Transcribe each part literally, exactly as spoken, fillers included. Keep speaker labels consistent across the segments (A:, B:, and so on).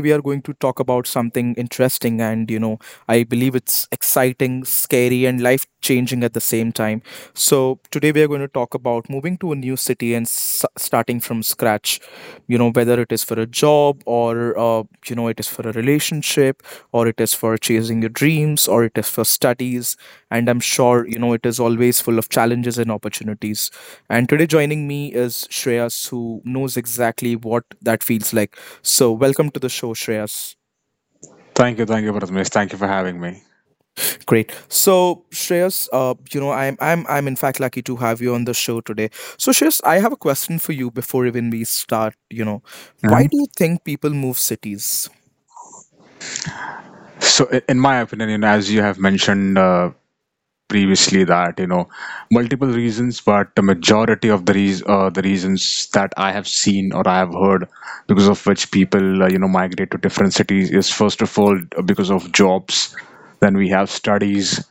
A: we are going to talk about something interesting, and you know, I believe it's exciting, scary and life-changing at the same time. So today we are going to talk about moving to a new city and s- starting from scratch. You know, whether it is for a job or uh, you know, it is for a relationship, or it is for chasing your dreams, or it is for studies, and I'm sure, you know, it is always full of challenges and opportunities. And today joining me is Shreyas, who knows exactly what that feels like. So welcome to the show, Shreyas.
B: Thank you, thank you, Prathamesh. Thank you for having me.
A: Great. So Shreyas, uh, you know, I'm I'm I'm in fact lucky to have you on the show today. So Shreyas, I have a question for you before even we start, you know. Why do
B: Mhm.
A: you think people move cities?
B: So, i- in my opinion, you know, as you have mentioned, uh, previously that you know multiple reasons, but the majority of the reas uh, the reasons that I have seen or I have heard because of which people uh, you know migrate to different cities is, first of all, uh, because of jobs, then we have studies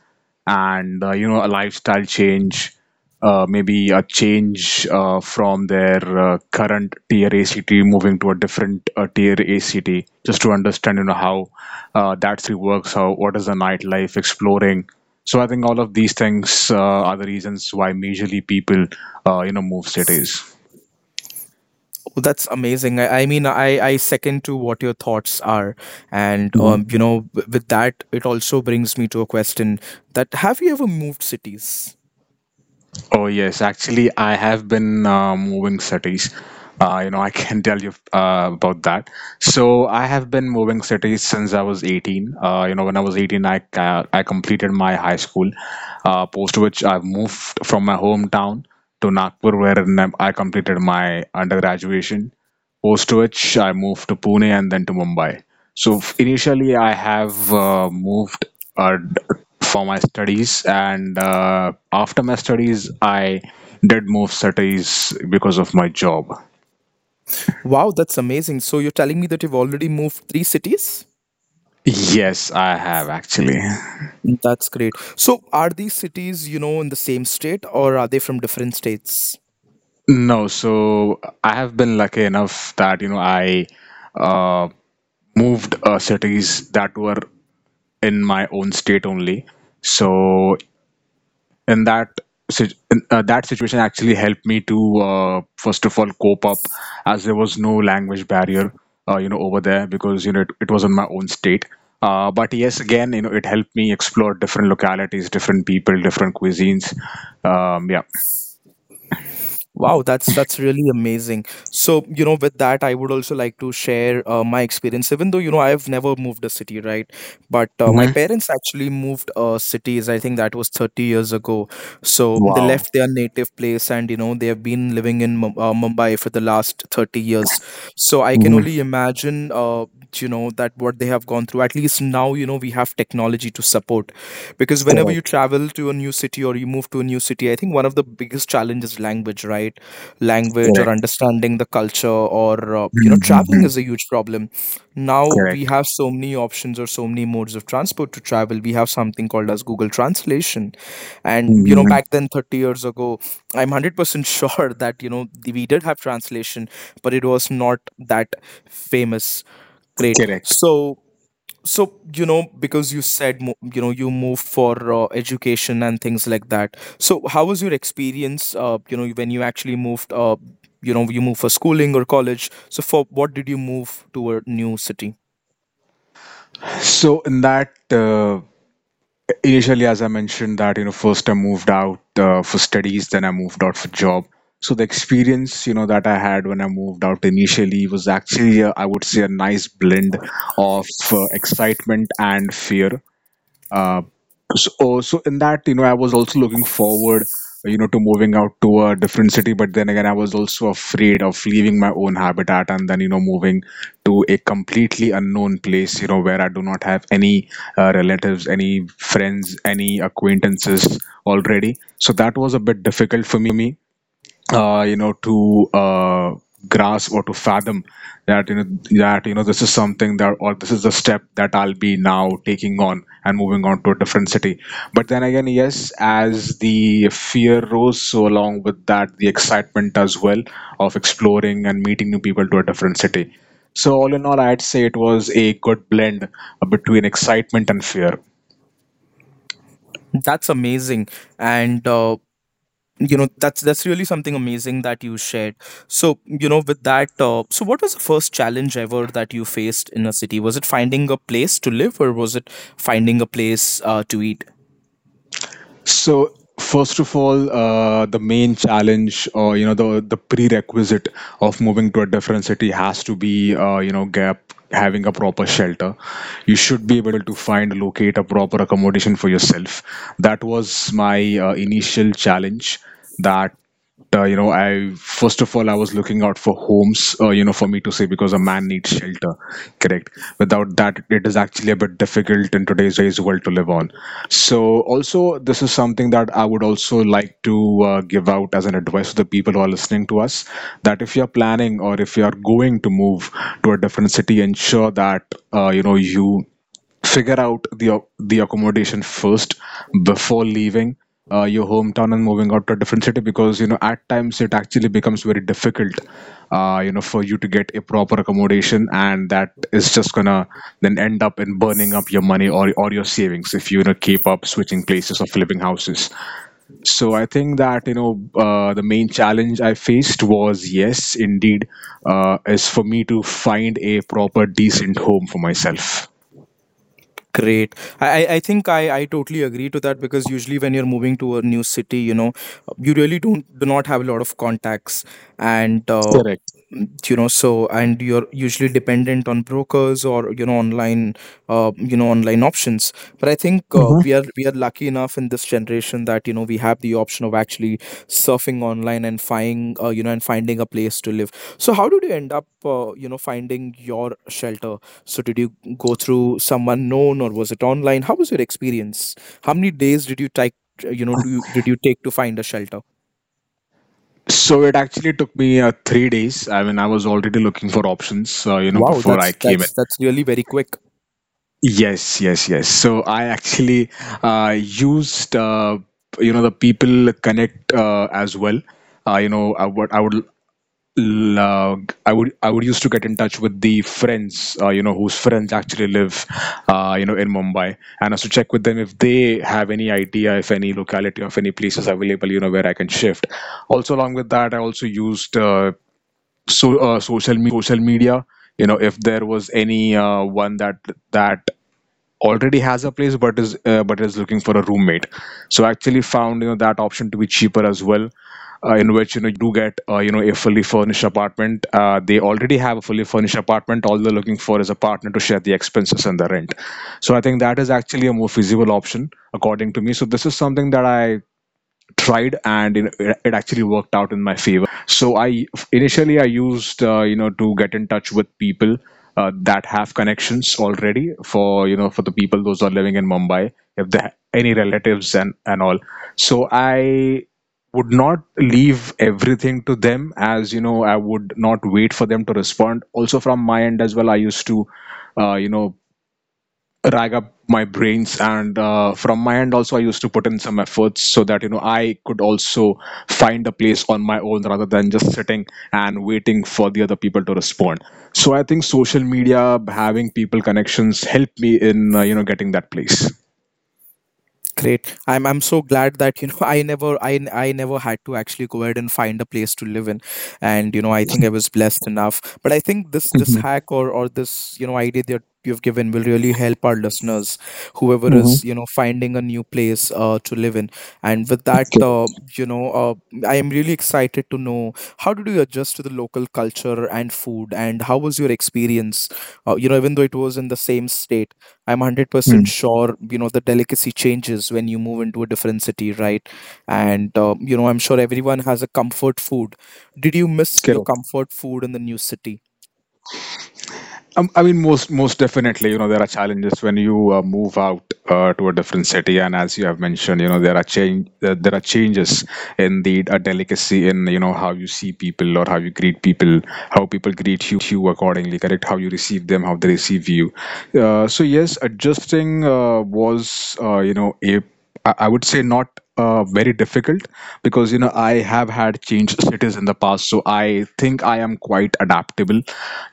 B: and uh, you know a lifestyle change, uh, maybe a change uh, from their uh, current tier A city moving to a different uh, tier A city, just to understand you know how uh, that city works, how, what is the nightlife, exploring. So I think all of these things uh, are the reasons why, majorly, people, uh, you know, move cities.
A: Oh, that's amazing. I, I mean, I, I second to what your thoughts are. And
B: Mhm.
A: um, you know, w- with that it also brings me to a question that have you ever moved cities?
B: Oh yes, actually, I have been uh, moving cities. Uh, you know, I can tell you uh, about that. So I have been moving cities since I was eighteen. Uh, you know, when I was eighteen, I uh, I completed my high school, Uh, post which I've moved from my hometown to Nagpur, where I completed my undergraduate. Post which I moved to Pune and then to Mumbai. So f- initially, I have uh, moved uh, d- for my studies, and uh, after my studies, I did move cities because of my job.
A: Wow, that's amazing. So you're telling me that you've already moved three cities?
B: Yes, I have actually.
A: That's great. So are these cities, you know, in the same state or are they from different states?
B: No, so I have been lucky enough that, you know, I uh, moved uh, cities that were in my own state only. So. And that sit- in, uh, that situation actually helped me to uh, first of all cope up, as there was no language barrier uh, you know over there, because you know it, it was in my own state, uh, but yes, again, you know, it helped me explore different localities, different people, different cuisines. Um, yeah.
A: Wow, that's that's really amazing. So, you know, with that, I would also like to share uh, my experience. Even though, you know, I've never moved a city, right? But uh, my
B: Hmm.
A: parents actually moved uh, cities. I think that was thirty years ago. So they left
B: Wow.
A: their native place, and you know, they have been living in Mum- uh, Mumbai for the last thirty years. So I can
B: Hmm.
A: only imagine, uh, you know, that what they have gone through. At least now, you know, we have technology to support, because whenever you
B: Correct.
A: travel to a new city or you move to a new city, I think one of the biggest challenges is language, right? Language, or
B: Correct.
A: understanding the culture, or uh, you know, traveling
B: Hmm.
A: is a huge problem. Now
B: Correct.
A: we have so many options, or so many modes of transport to travel. We have something called as Google translation, and you
B: Hmm.
A: know, back then thirty years ago, I'm one hundred percent sure that you know, the- we did have translation, but it was not that famous. Great.
B: Correct.
A: So, so you know, because you said mo- you know, you move for uh, education and things like that, so how was your experience uh, you know, when you actually moved? Uh, you know, you moved for schooling or college? So for what did you move to a new city?
B: So in that uh, Initially, as I mentioned, that you know, first I moved out uh, for studies, then I moved out for job. So the experience, you know, that I had when I moved out initially was actually, uh, I would say, a nice blend of uh, excitement and fear. Uh, so, uh, so in that, you know, I was also looking forward, uh, you know, to moving out to a different city. But then again, I was also afraid of leaving my own habitat and then, you know, moving to a completely unknown place, you know, where I do not have any uh, relatives, any friends, any acquaintances already. So that was a bit difficult for me uh, you know to uh, grasp or to fathom that you know that you know this is something that, or this is the step that I'll be now taking on and moving on to a different city. But then again, yes, as the fear rose, so along with that the excitement as well of exploring and meeting new people to a different city. So all in all, I'd say it was a good blend uh, between excitement and fear.
A: That's amazing, and uh, you know, that's that's really something amazing that you shared. So you know, with that, uh, so what was the first challenge ever that you faced in a city? Was it finding a place to live, or was it finding a place uh, to eat?
B: So first of all, uh, the main challenge or you know the the prerequisite of moving to a different city has to be uh, you know gap having a proper shelter. You should be able to find locate a proper accommodation for yourself. That was my uh, initial challenge, that uh, you know I first of all I was looking out for homes, uh, you know, for me to say, because a man needs shelter, correct? Without that, it is actually a bit difficult in today's world to live on. So also, this is something that I would also like to uh, give out as an advice to the people who are listening to us, that if you're planning or if you are going to move to a different city, ensure that uh, you know you figure out the the accommodation first before leaving uh, your hometown and moving out to a different city. Because you know, at times it actually becomes very difficult uh, you know for you to get a proper accommodation, and that is just gonna then end up in burning up your money or or your savings if you, you know, keep up switching places or flipping houses. So I think that you know uh, the main challenge I faced was, yes indeed, uh, is for me to find a proper decent home for myself.
A: Great. I, I I think I, I totally agree to that, because usually when you're moving to a new city, you know, you really don't, do not have a lot of contacts, and uh, you know, so, and you're usually dependent on brokers, or you know, online uh, you know, online options. But I think uh, we are we are lucky enough in this generation that you know, we have the option of actually surfing online and finding uh, you know, and finding a place to live. So how did you end up uh, you know, finding your shelter? So did you go through someone known, or was it online? How was your experience? How many days did you take, you know, do you, did you take to find a shelter?
B: So it actually took me uh, three days. I mean, I was already looking for options, uh, you know,
A: Wow,
B: before I
A: that's
B: came in.
A: that's that's really very quick.
B: Yes, yes, yes. So I actually uh, used, uh, you know, the people connect uh, as well. Uh, you know, I would, I would, l- uh, I would, I would used to get in touch with the friends, uh, you know, whose friends actually live, uh, you know, in Mumbai, and also check with them if they have any idea if any locality of any places available, you know, where I can shift. Also, along with that, I also used. Uh, so uh, social media, you know, if there was any uh, one that that already has a place but is uh, but is looking for a roommate. So I actually found, you know, that option to be cheaper as well, uh, in which you know you do get uh, you know a fully furnished apartment, uh, they already have a fully furnished apartment, all they're looking for is a partner to share the expenses and the rent. So I think that is actually a more feasible option, according to me. So this is something that I tried, and you know, it it actually worked out in my favor. So I initially I used uh, you know to get in touch with people uh, that have connections already for you know for the people those are living in Mumbai, if they have any relatives and and all. So I would not leave everything to them, as you know I would not wait for them to respond. Also, from my end as well, I used to uh, you know rag up my brains, and uh, from my end also, I used to put in some efforts so that you know I could also find a place on my own rather than just sitting and waiting for the other people to respond. So I think social media, having people connections, helped me in uh, you know getting that place.
A: Great. I'm I'm so glad that you know, I never, I n- I never had to actually go ahead and find a place to live in, and you know, I think I was blessed enough. But I think this, this
B: Mhm.
A: hack or or this you know, idea that you've given will really help our listeners, whoever is you know, finding a new place uh, to live in. And with that,
B: Correct.
A: uh, you know, uh, I am really excited to know, how did you adjust to the local culture and food, and how was your experience? Uh, you know, even though it was in the same state, I'm one hundred percent
B: Mm.
A: sure, you know, the delicacy changes when you move into a different city, right? And, uh, you know, I'm sure everyone has a comfort food. Did you miss your comfort food in the new city?
B: Um, I mean, most most definitely, you know, there are challenges when you uh, move out uh, to a different city, and as you have mentioned, you know, there are change there, there are changes in the uh, delicacy in you know how you see people or how you greet people, how people greet you accordingly, correct? How you receive them, how they receive you. Uh, so yes, adjusting uh, was uh, you know, a I I would say not uh, very difficult, because you know I have had changed cities in the past, so I think I am quite adaptable,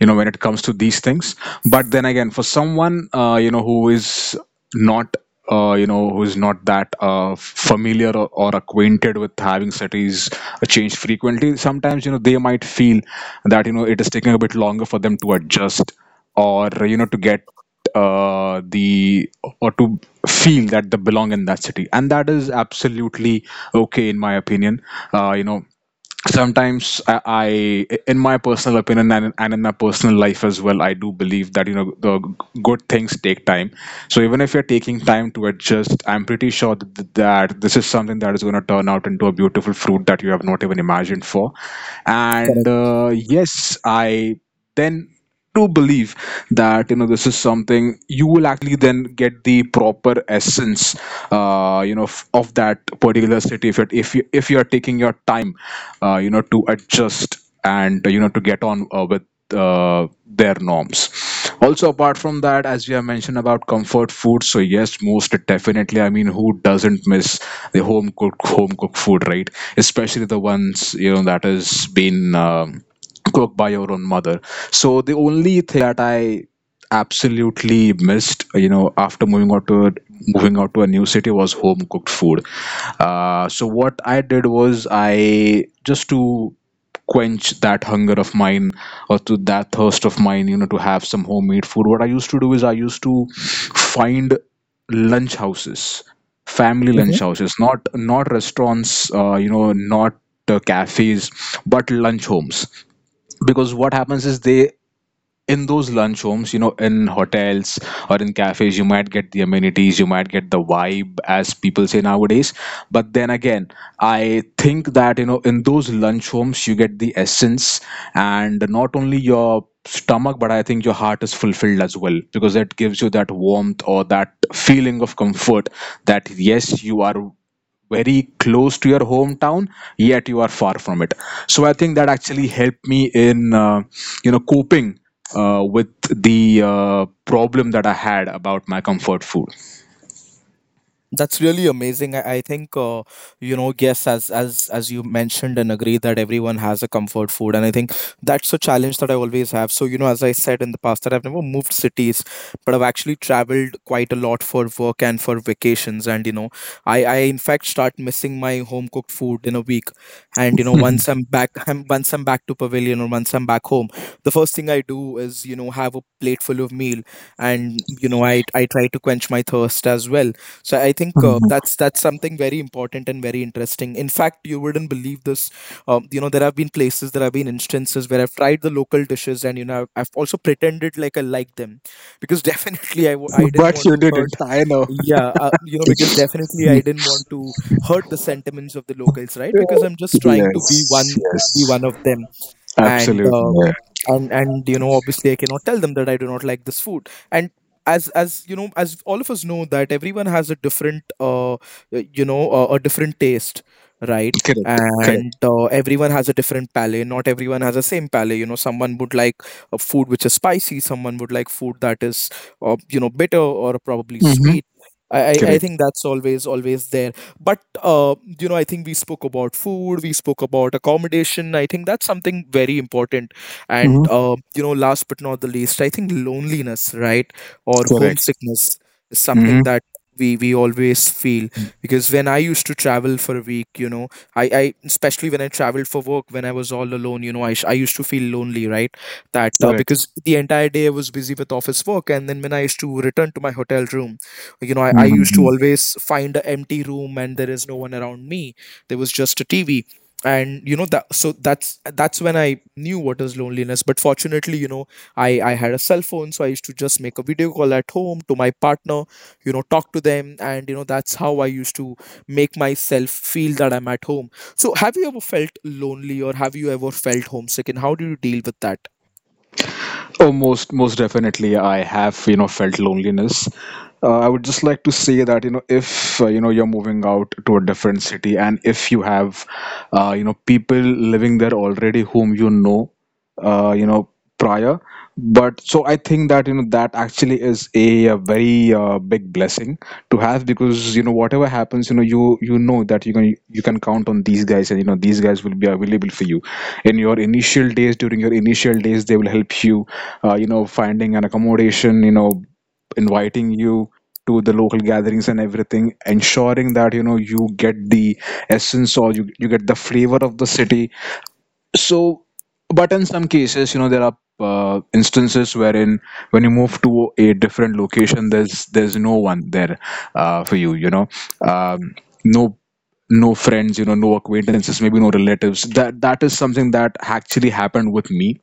B: you know, when it comes to these things. But then again, for someone uh, you know who is not uh, you know who is not that uh, familiar or, or acquainted with having cities change frequently, sometimes you know they might feel that you know it is taking a bit longer for them to adjust, or you know to get uh, the or to feel that they belong in that city, and that is absolutely okay. In my opinion, uh, you know, sometimes I, I in my personal opinion and, and in my personal life as well, I do believe that you know the good things take time. So even if you're taking time to adjust, I'm pretty sure that, that this is something that is going to turn out into a beautiful fruit that you have not even imagined for. And
A: Correct.
B: uh, yes, I then do believe that you know this is something you will actually then get the proper essence uh, you know f- of that particular city if you're if you if you're taking your time uh, you know to adjust, and you know to get on uh, with uh, their norms. Also, apart from that, as we have mentioned about comfort food, so yes, most definitely, I mean, who doesn't miss the home cooked home cooked food, right? Especially the ones you know that has been um, cooked by your own mother. So the only thing that I absolutely missed, you know, after moving out to a, moving out to a new city was home cooked food. Uh, so what I did was, I just to quench that hunger of mine or to that thirst of mine, you know, to have some homemade food, what I used to do is, I used to find lunch houses, family lunch houses, not not restaurants, uh, you know, not uh, cafes but lunch homes because what happens is they in those lunch homes, you know, in hotels or in cafes, you might get the amenities. You might get the vibe, as people say nowadays. But then again, I think that, you know, in those lunch homes, you get the essence, and not only your stomach, but I think your heart is fulfilled as well, because that gives you that warmth or that feeling of comfort that, yes, you are very close to your hometown yet you are far from it. So I think that actually helped me in uh, you know coping uh, with the uh, problem that I had about my comfort food.
A: That's really amazing. I, I think uh, you know, yes, as, as as you mentioned and agree that everyone has a comfort food, and I think that's a challenge that I always have. So you know, as I said in the past, that I've never moved cities, but I've actually traveled quite a lot for work and for vacations. And you know, I I in fact start missing my home cooked food in a week, and you know, once I'm back, I'm, once I'm back to pavilion, or once I'm back home, the first thing I do is you know, have a plate full of meal, and you know, I I try to quench my thirst as well. So I think uh, that's that's something very important and very interesting. In fact, you wouldn't believe this. Um, you know, there have been places, there have been instances where I've tried the local dishes, and you know, I've, I've also pretended like I like them, because definitely I w- I didn't
B: But
A: want
B: you
A: to hurt.
B: didn't. I know.
A: Yeah, uh, you know, because definitely I didn't want to hurt the sentiments of the locals, right? Because I'm just trying to be
B: Yes,
A: one, be
B: yes,
A: one of them, and
B: absolutely.
A: uh,
B: Yeah.
A: and and you know, obviously I cannot tell them that I do not like this food. And as as you know, as all of us know, that everyone has a different uh you know, uh, a different taste, right?
B: Correct,
A: And
B: correct.
A: uh, everyone has a different palate. Not everyone has the same palate. You know, someone would like a food which is spicy, someone would like food that is uh, you know, bitter or probably
B: Hmm.
A: sweet. I, I I
B: Correct.
A: think that's always always there. But uh, you know, I think we spoke about food, we spoke about accommodation, I think that's something very important. And
B: Hmm.
A: uh, you know, last but not the least, I think loneliness, right, or
B: Correct.
A: homesickness is something
B: Hmm.
A: that we we always feel. Because when I used to travel for a week, you know, I I especially when I traveled for work, when I was all alone, you know, i, sh- I used to feel lonely, right? That uh, because the entire day I was busy with office work, and then when I used to return to my hotel room, you know, i, I used
B: Correct.
A: to always find an empty room, and there is no one around me. There was just a TV, and you know, that, so that's that's when I knew what is loneliness. But fortunately, you know, I I had a cell phone, so I used to just make a video call at home to my partner, you know, talk to them, and you know, that's how I used to make myself feel that I'm at home. So have you ever felt lonely, or have you ever felt homesick, and how do you deal with that?
B: Oh, most most definitely, I have you know felt loneliness. Uh, I would just like to say that you know if uh, you know you're moving out to a different city, and if you have uh, you know people living there already whom you know uh, you know prior, but so I think that you know that actually is a, uh very uh, big blessing to have, because you know whatever happens, you know you you know that you can you can count on these guys, and you know these guys will be available for you in your initial days, during your initial days. They will help you uh, you know finding an accommodation, you know inviting you to the local gatherings and everything, ensuring that you know you get the essence, or you, you get the flavor of the city. So, but in some cases, you know, there are uh, instances wherein, when you move to a different location, there's there's no one there uh, for you. You know, um, no no friends, you know no acquaintances, maybe no relatives. That that is something that actually happened with me.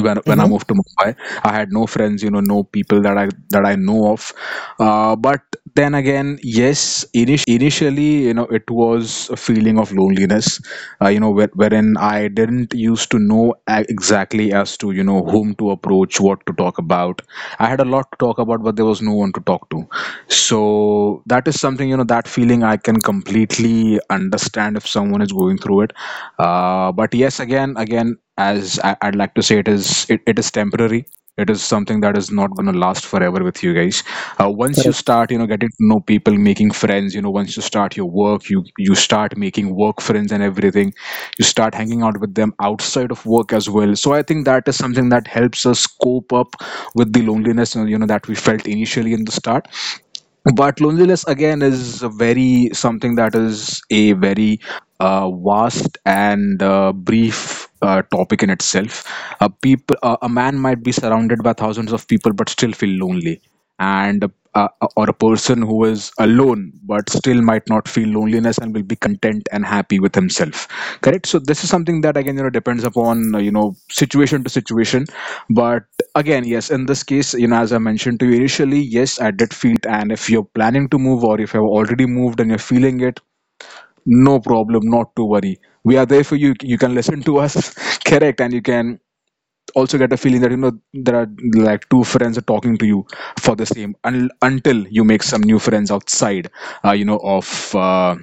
B: When when I
A: Mhm,
B: moved to Mumbai, I had no friends, you know, no people that I that I know of. Uh, but then again, yes, initially, you know, it was a feeling of loneliness, uh, you know, where, wherein I didn't used to know a- exactly as to you know whom to approach, what to talk about. I had a lot to talk about, but there was no one to talk to. So that is something, you know that feeling I can completely understand if someone is going through it. Uh, but yes, again again, as I, I'd like to say, it is it, it is temporary. It is something that is not going to last forever with you guys. Uh, once you
A: correct.
B: start you know getting to know people, making friends, you know once you start your work, you you start making work friends and everything. You start hanging out with them outside of work as well. So I think that is something that helps us cope up with the loneliness you know that we felt initially in the start. But loneliness again is a very something that is a very uh, vast and uh, brief uh, topic in itself. Uh, people uh, A man might be surrounded by thousands of people but still feel lonely, and uh, or a person who is alone but still might not feel loneliness, and will be content and happy with himself. Correct. So this is something that again, you know depends upon uh, you know situation to situation. But again, yes, in this case, you know as I mentioned to you initially, yes, I did feel it. And if you're planning to move, or if you've already moved and you're feeling it, no problem, not to worry, we are there for you, you can listen to us. Correct. And you can also get a feeling that you know there are, like, two friends are talking to you, for the same un- until you make some new friends outside uh, you know of uh,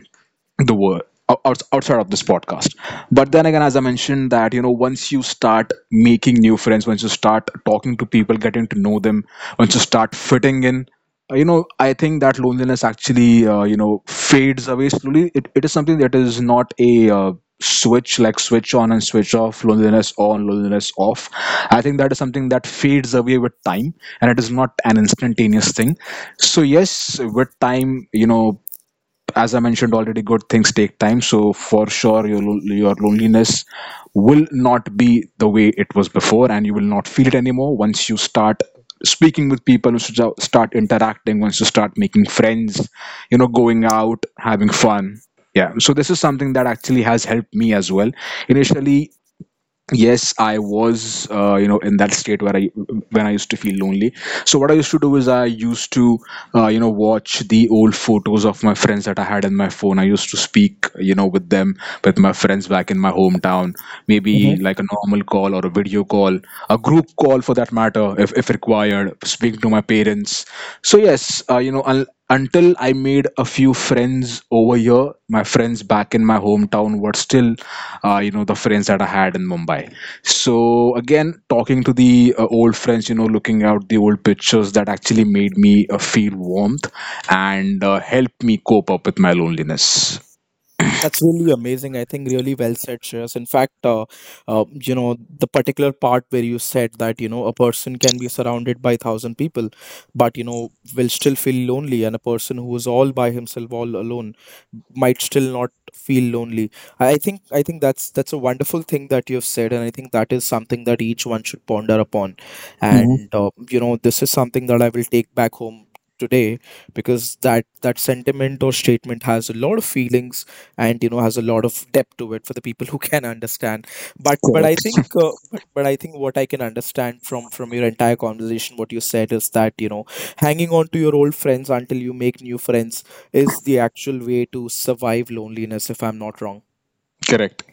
B: the world out- outside of this podcast. But then again, as I mentioned, that you know once you start making new friends, once you start talking to people, getting to know them, once you start fitting in, uh, you know I think that loneliness actually uh, you know fades away slowly. It, it is something that is not a uh, switch, like switch on and switch off, loneliness on, loneliness off. I think that is something that fades away with time, and it is not an instantaneous thing. So yes, with time, you know as I mentioned already, good things take time. So for sure, your lo- your loneliness will not be the way it was before, and you will not feel it anymore once you start speaking with people, once you jo- start interacting, once you start making friends, you know, going out, having fun. Yeah. So this is something that actually has helped me as well. Initially, yes, I was uh, you know in that state where I when I used to feel lonely. So what I used to do is I used to uh, you know watch the old photos of my friends that I had in my phone. I used to speak you know with them, with my friends back in my hometown, maybe like a normal call or a video call, a group call for that matter, if, if required, speaking to my parents. So yes, uh, you know un until I made a few friends over here, my friends back in my hometown were still, uh, you know, the friends that I had in Mumbai. So again, talking to the uh, old friends, you know, looking out the old pictures, that actually made me uh, feel warmth and uh, helped me cope up with my loneliness.
A: That's really amazing. I think really well said, Shreyas. In fact, uh, uh, you know, the particular part where you said that, you know, a person can be surrounded by thousand people, but, you know, will still feel lonely. And a person who is all by himself, all alone, might still not feel lonely. I I think, I think that's, that's a wonderful thing that you've said. And I think that is something that each one should ponder upon.
B: Mm-hmm.
A: And, uh, you know, this is something that I will take back home today, because that, that sentiment or statement has a lot of feelings, and you know, has a lot of depth to it for the people who can understand. but but I think
B: Correct.
A: uh, but, but I think what I can understand from from your entire conversation, what you said, is that you know, hanging on to your old friends until you make new friends is the actual way to survive loneliness, if I'm not wrong.
B: Correct.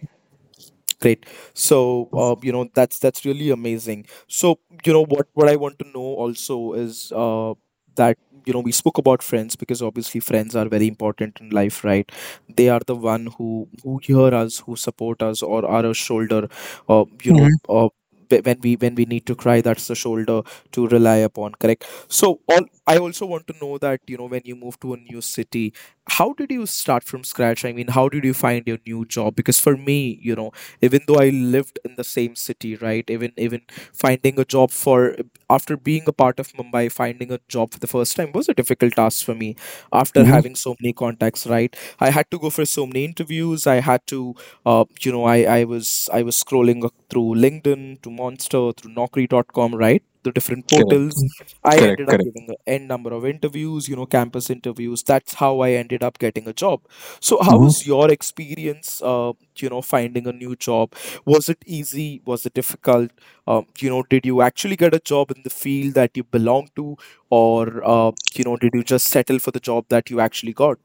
A: Great. So, uh, you know, that's that's really amazing. So, you know, what what I want to know also is uh, that you know, we spoke about friends, because obviously friends are very important in life, right? They are the one who who hear us, who support us, or are a shoulder. Uh, you
B: Mm-hmm.
A: know, uh, wh- when we when we need to cry, that's the shoulder to rely upon. Correct. So, all I also want to know that you know when you move to a new city, how did you start from scratch? I mean, how did you find your new job? Because for me, you know, even though I lived in the same city, right? Even even finding a job for after being a part of Mumbai, finding a job for the first time was a difficult task for me. After
B: Mm-hmm.
A: having so many contacts, right? I had to go for so many interviews. I had to, uh, you know, I I was I was scrolling through LinkedIn, to Monster, through naukri dot com, right? The different
B: Correct.
A: portals. I
B: Correct.
A: ended up
B: Correct.
A: giving a n number of interviews, you know, campus interviews. That's how I ended up getting a job. So, how was your experience uh, you know, finding a new job? Was it easy? Was it difficult? Um, you know, did you actually get a job in the field that you belong to, or uh, you know, did you just settle for the job that you actually got?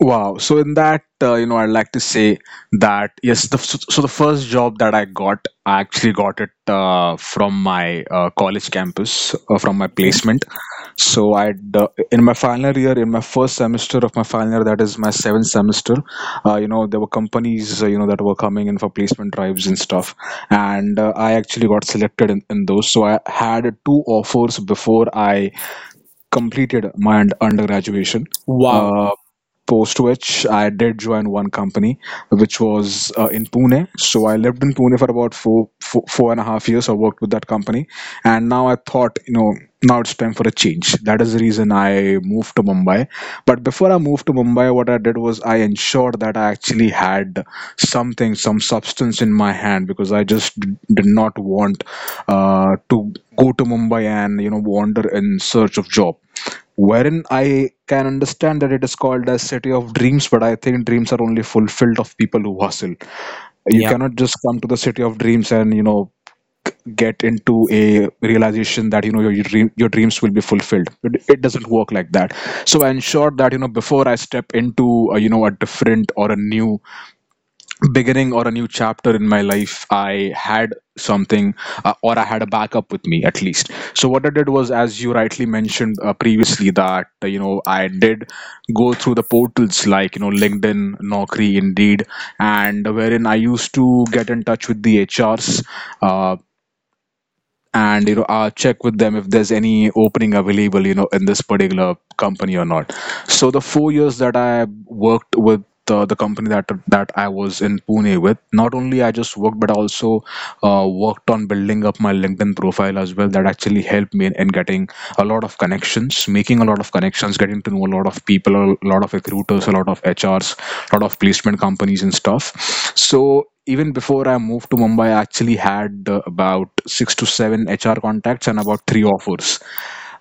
B: Wow. So in that, uh, you know, I'd like to say that yes, the so, so the first job that I got, I actually got it uh, from my uh, college campus, uh, from my
A: Mhm.
B: placement. So I, uh, in my final year, in my first semester of my final year, that is my seventh semester, uh, you know, there were companies, uh, you know, that were coming in for placement drives and stuff, and uh, I actually got selected in, in those. So I had two offers before I completed my und- undergraduation.
A: Wow.
B: Uh, Post which I did join one company, which was uh, in Pune. So I lived in Pune for about four, four, four and a half years. I worked with that company, and now I thought, you know, now it's time for a change. That is the reason I moved to Mumbai. But before I moved to Mumbai, what I did was I ensured that I actually had something, some substance in my hand, because I just d- did not want uh, to go to Mumbai and you know wander in search of job, wherein I can understand that it is called as city of dreams, but I think dreams are only fulfilled of people who hustle. You
A: Yeah.
B: cannot just come to the city of dreams and you know get into a realization that you know your your dream, your dreams will be fulfilled. It, it doesn't work like that. So I ensure that you know before I step into a, you know a different or a new beginning or a new chapter in my life, I had something uh, or I had a backup with me at least. So what I did was, as you rightly mentioned uh, previously, that uh, you know I did go through the portals like you know LinkedIn, Naukri, Indeed, and wherein I used to get in touch with the HRs, and you know uh, check with them if there's any opening available you know in this particular company or not. So the four years that I worked with uh, the company that that I was in Pune with, not only I just worked, but I also uh, worked on building up my LinkedIn profile as well. That actually helped me in, in getting a lot of connections, making a lot of connections, getting to know a lot of people, a lot of recruiters, a lot of H Rs, a lot of placement companies and stuff. So even before I moved to Mumbai, I actually had uh, about six to seven H R contacts and about three offers.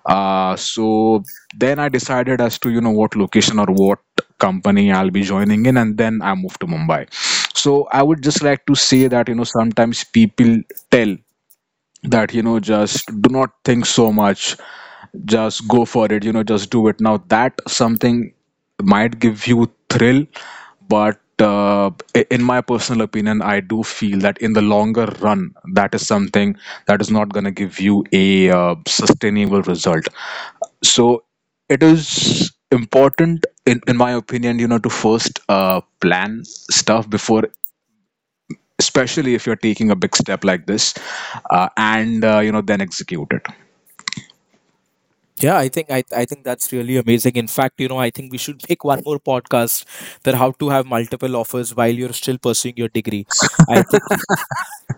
B: Uh, so then I decided as to you know what location or what company I'll be joining in, and then I moved to Mumbai. So I would just like to say that you know sometimes people tell that you know just do not think so much, just go for it, you know, just do it now, that something might give you thrill. But uh, i- in my personal opinion, I do feel that in the longer run, that is something that is not going to give you a uh, sustainable result. So it is important, in, in my opinion, you know, to first uh, plan stuff before, especially if you're taking a big step like this, uh, and uh, you know, then execute it.
A: Yeah, I think I, I think that's really amazing. In fact, you know, I think we should make one more podcast, that how to have multiple offers while you're still pursuing your degree. I think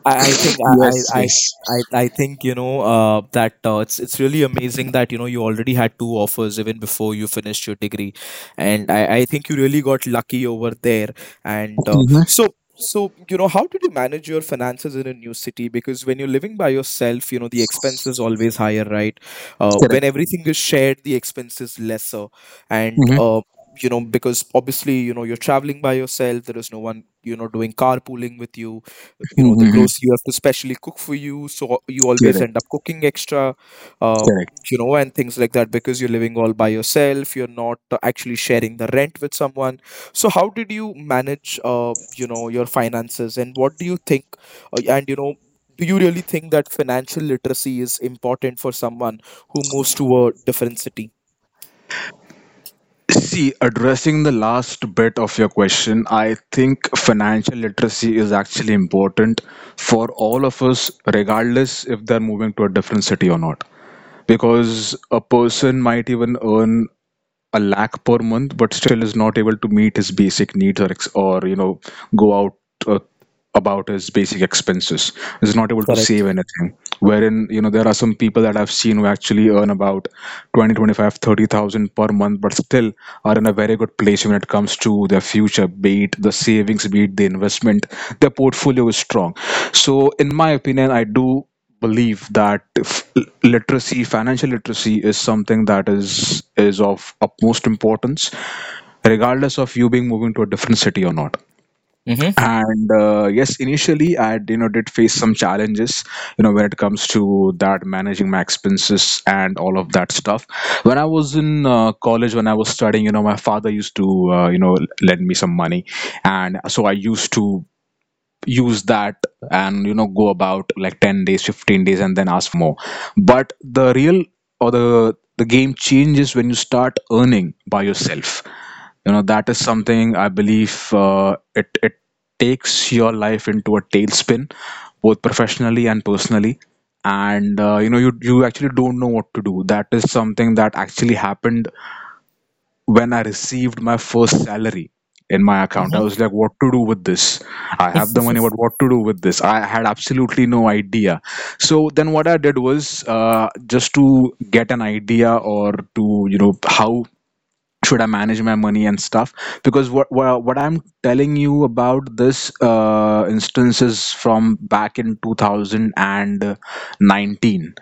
A: I, I think I,
B: Yes,
A: I I
B: yes.
A: I I think you know uh, that uh, it's it's really amazing that you know you already had two offers even before you finished your degree, and I, I think you really got lucky over there. And uh,
B: Mm-hmm.
A: so so you know, how did you manage your finances in a new city? Because when you're living by yourself, you know, the expense is always higher, right? Uh, when
B: Correct.
A: everything is shared, the expense is lesser, and uh, you know, because obviously you know you're traveling by yourself. There is no one, you know, doing carpooling with you you know The
B: Mm-hmm.
A: grocery, you have to specially cook for you, so you always end
B: Correct,
A: up cooking extra, uh,
B: correct.
A: you know, and things like that, because you're living all by yourself, you're not uh, actually sharing the rent with someone. So how did you manage, uh, you know, your finances? And what do you think, uh, and you know, do you really think that financial literacy is important for someone who moves to a different city?
B: See, addressing the last bit of your question, I think financial literacy is actually important for all of us, regardless if they're moving to a different city or not. Because a person might even earn a lakh per month, but still is not able to meet his basic needs or ex- or you know go out uh, about his basic expenses. Is not able to
A: Correct.
B: save anything. Wherein you know there are some people that I've seen who actually earn about twenty, twenty-five, thirty thousand per month, but still are in a very good place when it comes to their future, be it the savings, be it the investment. Their portfolio is strong. So in my opinion, I do believe that f- literacy, financial literacy is something that is is of utmost importance, regardless of you being moving to a different city or not.
A: Mm-hmm.
B: And uh, yes, initially I you know did face some challenges, you know, when it comes to that, managing my expenses and all of that stuff. When I was in uh, college, when I was studying, you know, my father used to uh, you know lend me some money, and so I used to use that and you know go about like ten days, fifteen days, and then ask for more. But the real, or the the game changes when you start earning by yourself, you know. That is something I believe uh, it it takes your life into a tailspin, both professionally and personally. And uh, you know, you you actually don't know what to do. That is something that actually happened. When I received my first salary in my account, I was
A: Mm-hmm.
B: like, what to do with this? I have the money, but what to do with this? I had absolutely no idea. So then what I did was, uh, just to get an idea, or to, you know, how should I manage my money and stuff? Because what what, what I'm telling you about this uh, instance is from back in two thousand nineteen.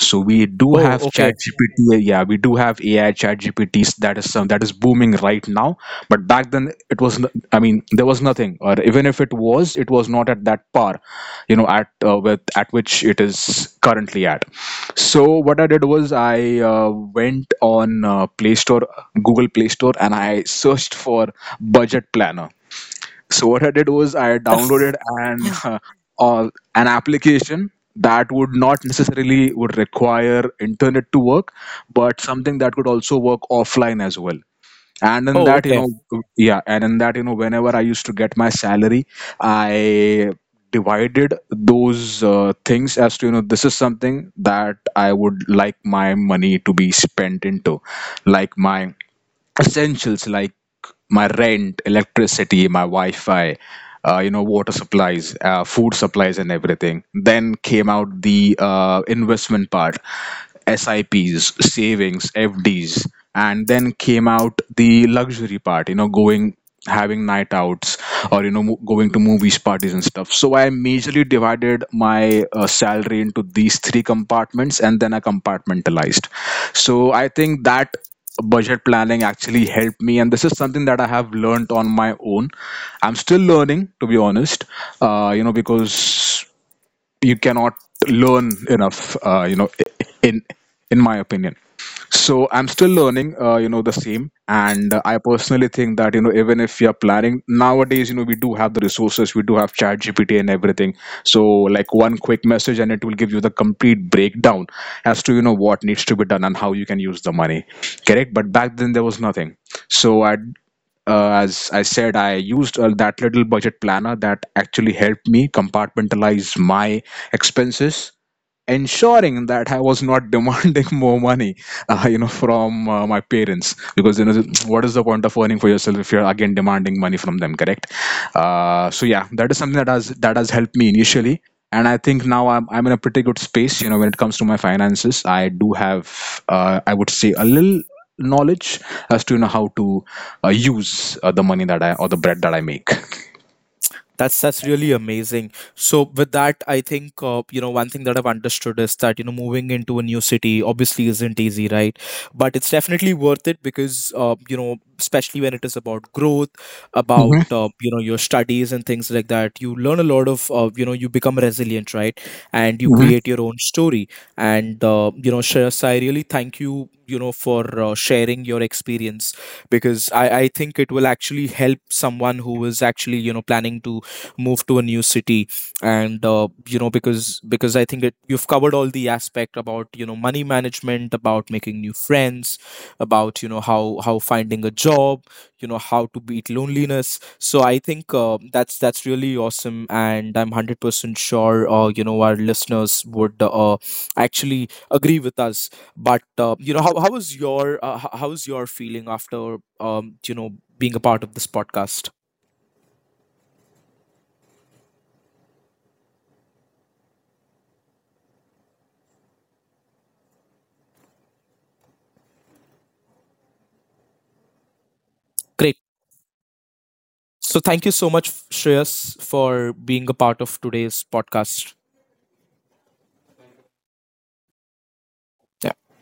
B: So we do have
A: Oh, okay.
B: ChatGPT. uh, Yeah, we do have A I ChatGPTs. That is some, that is booming right now. But back then, it was. n- I mean, there was nothing, or even if it was, it was not at that par, you know, at uh, with at which it is currently at. So what I did was I uh, went on uh, Play Store, Google Play Store, and I searched for budget planner. So what I did was I downloaded an uh, an application that would not necessarily would require internet to work, but something that could also work offline as well. And in
A: Oh,
B: that, you
A: okay.
B: know, yeah, and in that, you know, whenever I used to get my salary, I divided those uh, things as to you know this is something that I would like my money to be spent into, like my essentials, like my rent, electricity, my Wi-Fi, uh, you know, water supplies, uh, food supplies, and everything. Then came out the uh, investment part, S I Ps, savings, F Ds, and then came out the luxury part. You know, going, having night outs, or you know, mo- going to movies, parties, and stuff. So I majorly divided my uh, salary into these three compartments, and then I compartmentalized. So I think that budget planning actually helped me, and this is something that I have learned on my own. I'm still learning, to be honest, uh, you know, because you cannot learn enough, uh, you know, in in my opinion. So I'm still learning, uh, you know, the same. And uh, I personally think that you know even if you're planning nowadays, you know we do have the resources, we do have chat gpt and everything. So like one quick message and it will give you the complete breakdown as to you know what needs to be done and how you can use the money. Correct. But back then there was nothing, so I, uh, as I said, I used uh, that little budget planner that actually helped me compartmentalize my expenses, ensuring that I was not demanding more money, uh, you know, from uh, my parents. Because you know, what is the point of earning for yourself if you're again demanding money from them? Correct. Uh, so yeah, that is something that has that has helped me initially, and I think now I'm I'm in a pretty good space. You know, when it comes to my finances, I do have, uh, I would say, a little knowledge as to you know how to uh, use uh, the money that I, or the bread that I make.
A: That's that's really amazing. So with that, I think, uh, you know, one thing that I've understood is that you know moving into a new city obviously isn't easy, right? But it's definitely worth it, because uh, you know, especially when it is about growth, about
B: Hmm.
A: uh, you know, your studies and things like that, you learn a lot of, uh, you know, you become resilient, right? And you create your own story. And uh, you know, Shreyas, I really thank you, you know, for uh, sharing your experience, because I, I think it will actually help someone who is actually you know planning to move to a new city. And uh, you know, because because I think it, you've covered all the aspect about you know money management, about making new friends, about you know how how finding a job, you know, how to beat loneliness. So I think, uh, that's that's really awesome, and I'm one hundred percent sure, uh, you know, our listeners would, uh, actually agree with us. But uh, you know, how, how was your uh, h- how was your feeling after, um, you know, being a part of this podcast? Great. So thank you so much, Shreyas, for being a part of today's podcast. Yeah.